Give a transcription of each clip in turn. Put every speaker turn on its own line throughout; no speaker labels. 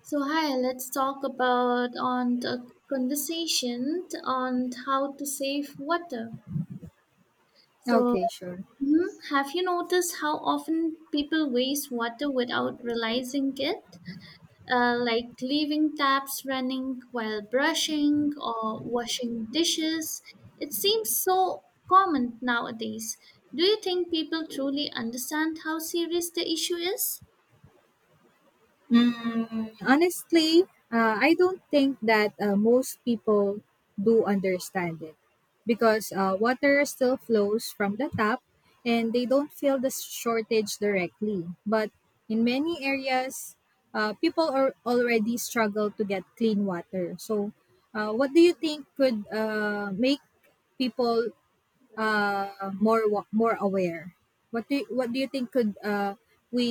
So hi, let's talk about on the conversation on how to save water. So
Okay, sure.
have you noticed how often people waste water without realizing it? Like leaving taps running while brushing or washing dishes. It seems so common nowadays. Do you think people truly understand how serious the issue is?
Mm, honestly, I don't think that most people do understand it because water still flows from the tap and they don't feel the shortage directly. But in many areas, people are already struggle to get clean water. So, what do you think could make people more aware? What do you think could we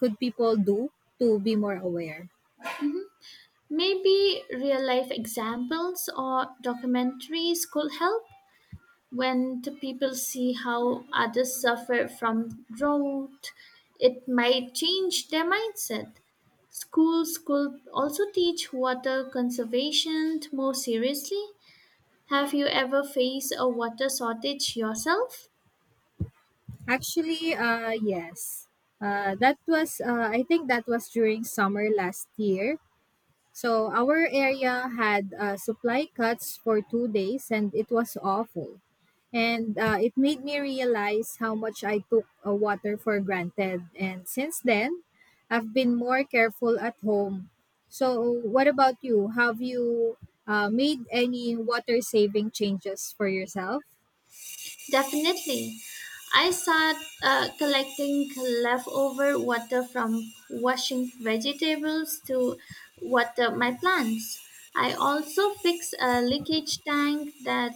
could people do to be more aware?
Maybe real life examples or documentaries could help when the people see how others suffer from drought. It might change their mindset. Schools could also teach water conservation more seriously. Have you ever faced a water shortage yourself?
Actually, yes, that was I think that was during summer last year. So our area had supply cuts for 2 days and it was awful. And it made me realize how much I took water for granted. And since then, I've been more careful at home. So, what about you? Have you made any water saving changes for yourself?
Definitely. I start Collecting leftover water from washing vegetables to water my plants. I also fix a leakage tank that,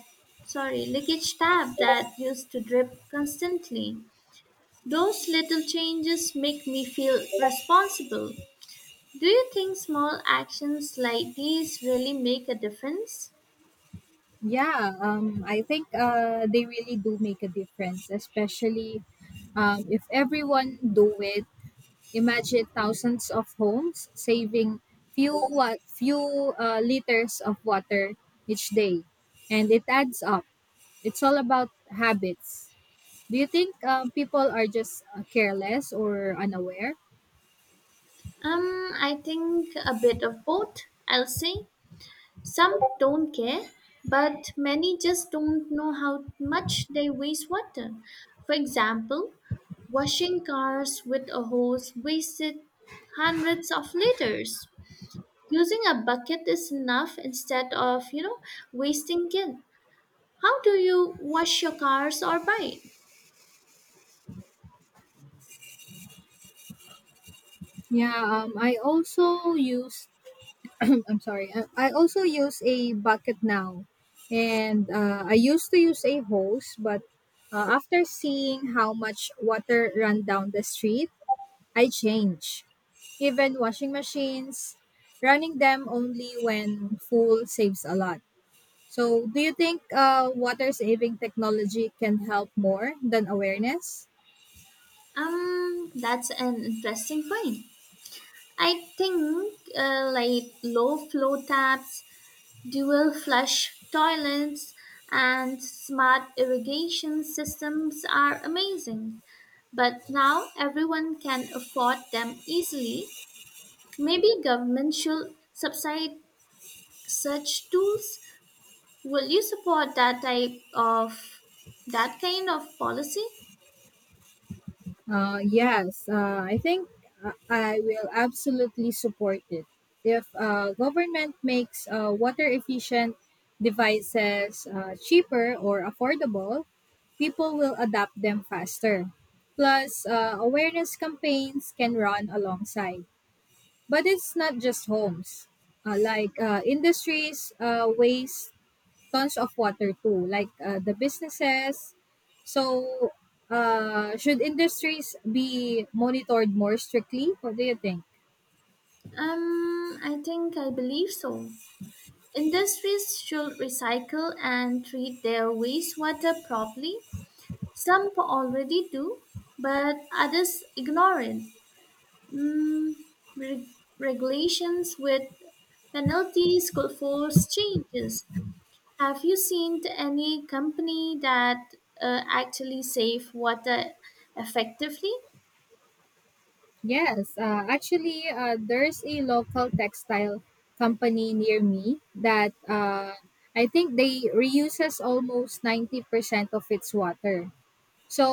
sorry, leakage tap that used to drip constantly. Those little changes make me feel responsible. Do you think small actions like these really make a difference?
Yeah, I think they really do make a difference, especially if everyone do it. Imagine thousands of homes saving few liters of water each day, and it adds up. It's all about habits. Do you think people are just careless or unaware?
I think a bit of both, I'll say. Some don't care, but many just don't know how much they waste water. For example, washing cars with a hose wasted hundreds of liters. Using a bucket is enough instead of, wasting it. How do you wash your cars or bike?
Yeah, I also use. I'm sorry. I also use a bucket now, and I used to use a hose, but after seeing how much water ran down the street I change. Even washing machines, running them only when full saves a lot. So, do you think water saving technology can help more than awareness?
That's an interesting point. I think Like low flow taps, dual flush toilets and smart irrigation systems are amazing, but now everyone can afford them easily. Maybe government should subsidize such tools. Will you support that kind of policy?
Yes, I think I will absolutely support it. If government makes water efficient devices cheaper or affordable, people will adapt them faster. Plus, awareness campaigns can run alongside. But it's not just homes. Industries, waste tons of water too, like the businesses. So, should industries be monitored more strictly? What do you think?
I think I believe so. Industries should recycle and treat their wastewater properly. Some already do, but others ignore it. Mm, reg- regulations with penalties could force changes. Have you seen any company that actually save water effectively?
Yes, actually, there's a local textile company near me that I think they reuses almost 90% of its water. So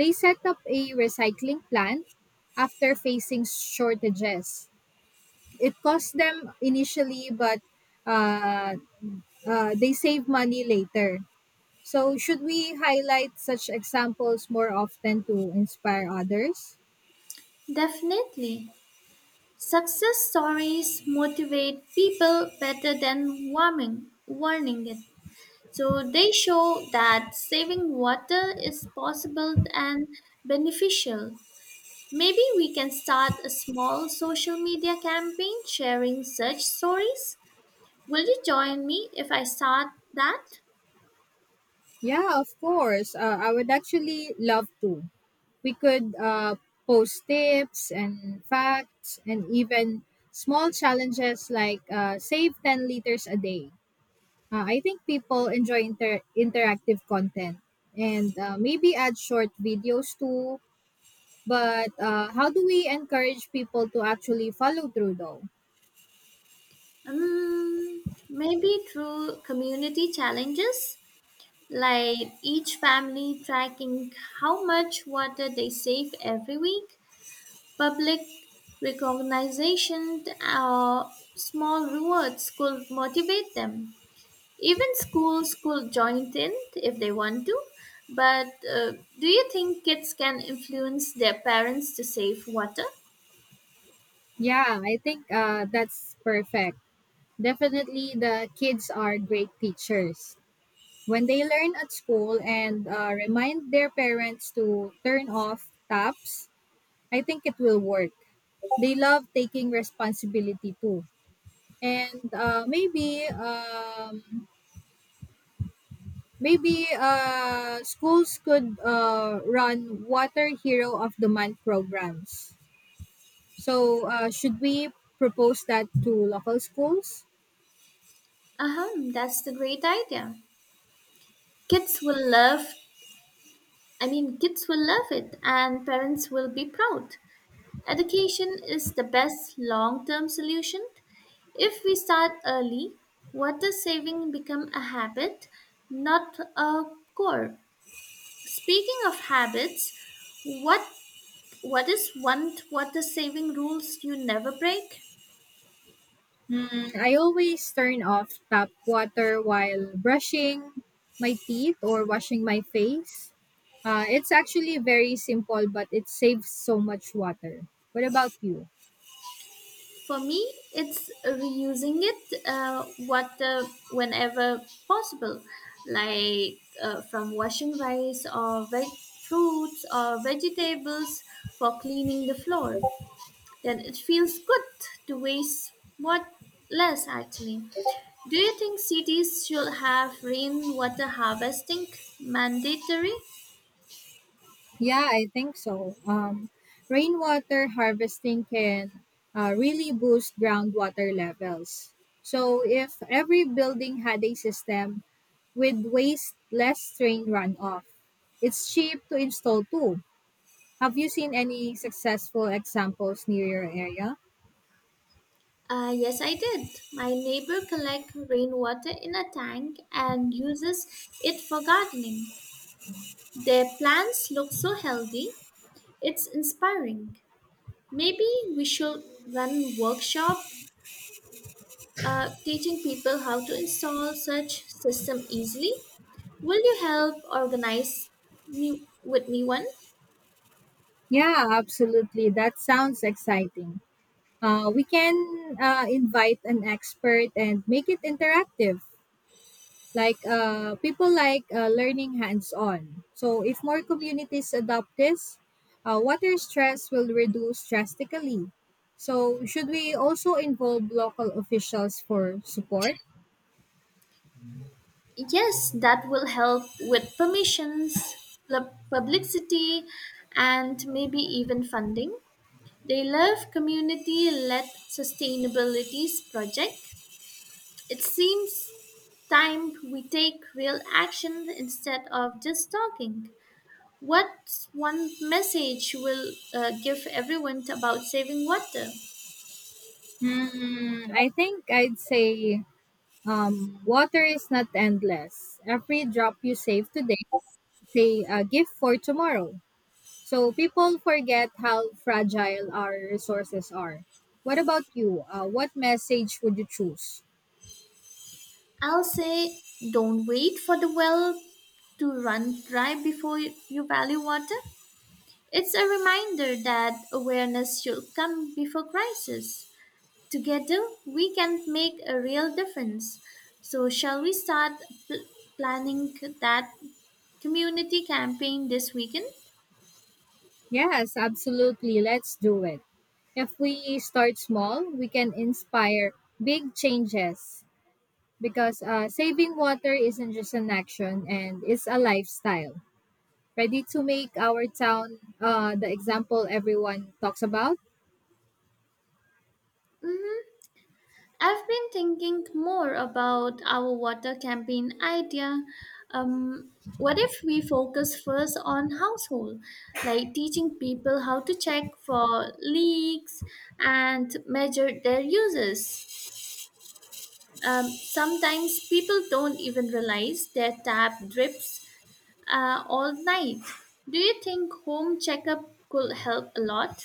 they set up a recycling plant after facing shortages. It cost them initially, but uh, they save money later. So, should we highlight such examples more often to inspire others?
Definitely. Success stories motivate people better than warning it. So they show that saving water is possible and beneficial. Maybe we can start a small social media campaign sharing such stories. Will you join me if I start that?
Yeah, of course. I would actually love to. We could post tips and facts and even small challenges like save 10 liters a day. I think people enjoy interactive content and maybe add short videos too. But how do we encourage people to actually follow through though?
Maybe through community challenges, like each family tracking how much water they save every week, public recognition or small rewards could motivate them. Even schools could join in if they want to. But Do you think kids can influence their parents to save water?
Yeah, I think that's perfect. Definitely, the kids are great teachers. When they learn at school and remind their parents to turn off taps, I think it will work. They love taking responsibility too. And maybe maybe schools could run Water Hero of the Month programs. So should we propose that to local schools?
Uh-huh, that's the great idea. Kids will love, Kids will love it and parents will be proud. Education is the best long term solution. If we start early, water saving become a habit, not a core. Speaking of habits, what what is one water saving rules you never break?
Hmm. I always turn off tap water while brushing my teeth or washing my face. It's actually very simple, but it saves so much water. What about you?
For me, it's reusing it water whenever possible, like from washing rice or fruits or vegetables for cleaning the floor. Then it feels good to waste what less actually. Do you think cities should have rainwater harvesting mandatory?
Yeah, I think so. Rainwater harvesting can really boost groundwater levels. So, if every building had a system with waste less strain runoff, it's cheap to install too. Have you seen any successful examples near your area?
Yes, I did. My neighbor collects rainwater in a tank and uses it for gardening. Their plants look so healthy. It's inspiring. Maybe we should run workshop teaching people how to install such system easily. Will you help organize me with me one?
Yeah, absolutely. That sounds exciting. We can invite an expert and make it interactive. Like people like learning hands on. So, if more communities adopt this, water stress will reduce drastically. So, should we also involve local officials for support?
Yes, that will help with permissions, publicity, and maybe even funding. They love community led sustainability project. It seems time we take real action instead of just talking. What's one message will give everyone about saving water?
Hmm, I think I'd say, water is not endless. Every drop you save today, say a gift for tomorrow. So people forget how fragile our resources are. What about you? What message would you choose?
I'll say don't wait for the well to run dry before you value water. It's a reminder that awareness should come before crisis. Together, we can make a real difference. So, shall we start pl- planning that community campaign this weekend?
Yes, absolutely. Let's do it. If we start small, we can inspire big changes, because saving water isn't just an action and it's a lifestyle. Ready to make our town the example everyone talks about?
Hmm, I've been thinking more about our water campaign idea. Um, what if we focus first on household, like teaching people how to check for leaks and measure their uses? Sometimes people don't even realize their tap drips all night. Do you think home checkup could help a lot?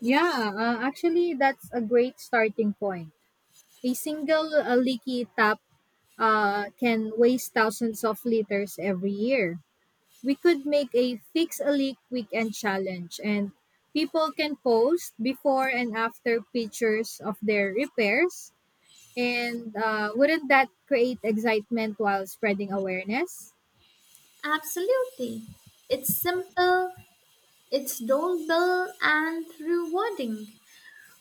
Yeah, actually, that's a great starting point. A single leaky tap can waste thousands of liters every year. We could make a fix a leak weekend challenge, and people can post before and after pictures of their repairs. And wouldn't that create excitement while spreading awareness?
Absolutely. It's simple, it's doable, and rewarding.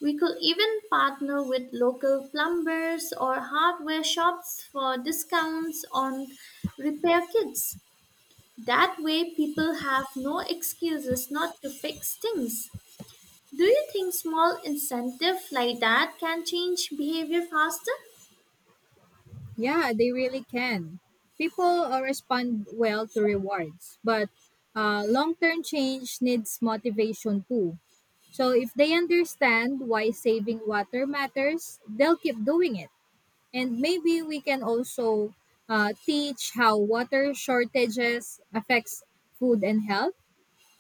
We could even partner with local plumbers or hardware shops for discounts on repair kits. That way, people have no excuses not to fix things. Do you think small incentive like that can change behavior faster?
Yeah, they really can. People respond well to rewards, but long term change needs motivation too. So, if they understand why saving water matters, they'll keep doing it. And maybe we can also teach how water shortages affects food and health.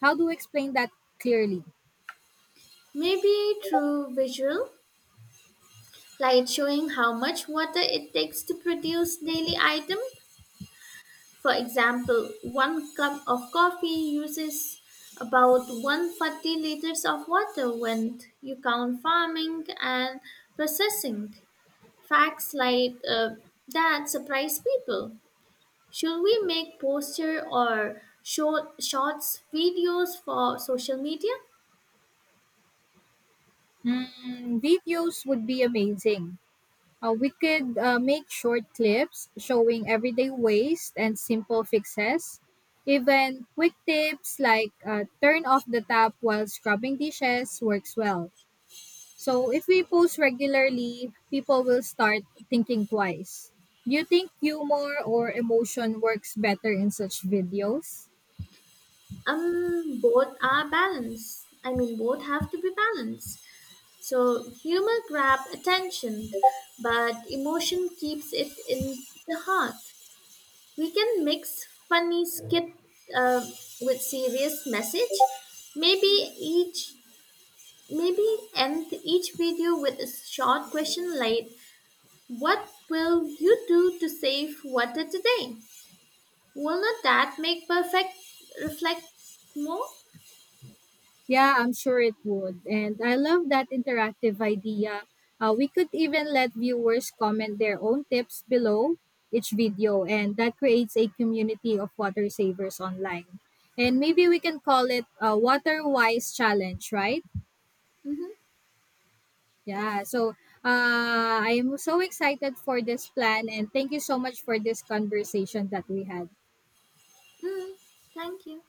How do we explain that clearly?
Maybe through visual like showing how much water it takes to produce daily item. For example, one cup of coffee uses about 140 liters of water when you count farming and processing. Facts like that surprise people. Should we make poster or shorts videos for social media?
Mm, videos would be amazing. We could make short clips showing everyday waste and simple fixes. Even quick tips like turn off the tap while scrubbing dishes works well. So, if we post regularly, people will start thinking twice. Do you think humor or emotion works better in such videos?
Both are balanced. I mean, Both have to be balanced. So humor grabs attention, but emotion keeps it in the heart. We can mix funny skit uh, with serious message. Maybe each maybe end each video with a short question like, "What will you do to save water today?" Will not that make perfect reflect more?
Yeah, I'm sure it would. And I love that interactive idea. We could even let viewers comment their own tips below each video, and that creates a community of water savers online. And maybe we can call it a Water Wise Challenge, right?
Mm-hmm.
Yeah, so I'm so excited for this plan, and thank you so much for this conversation that we had.
Mm, thank you.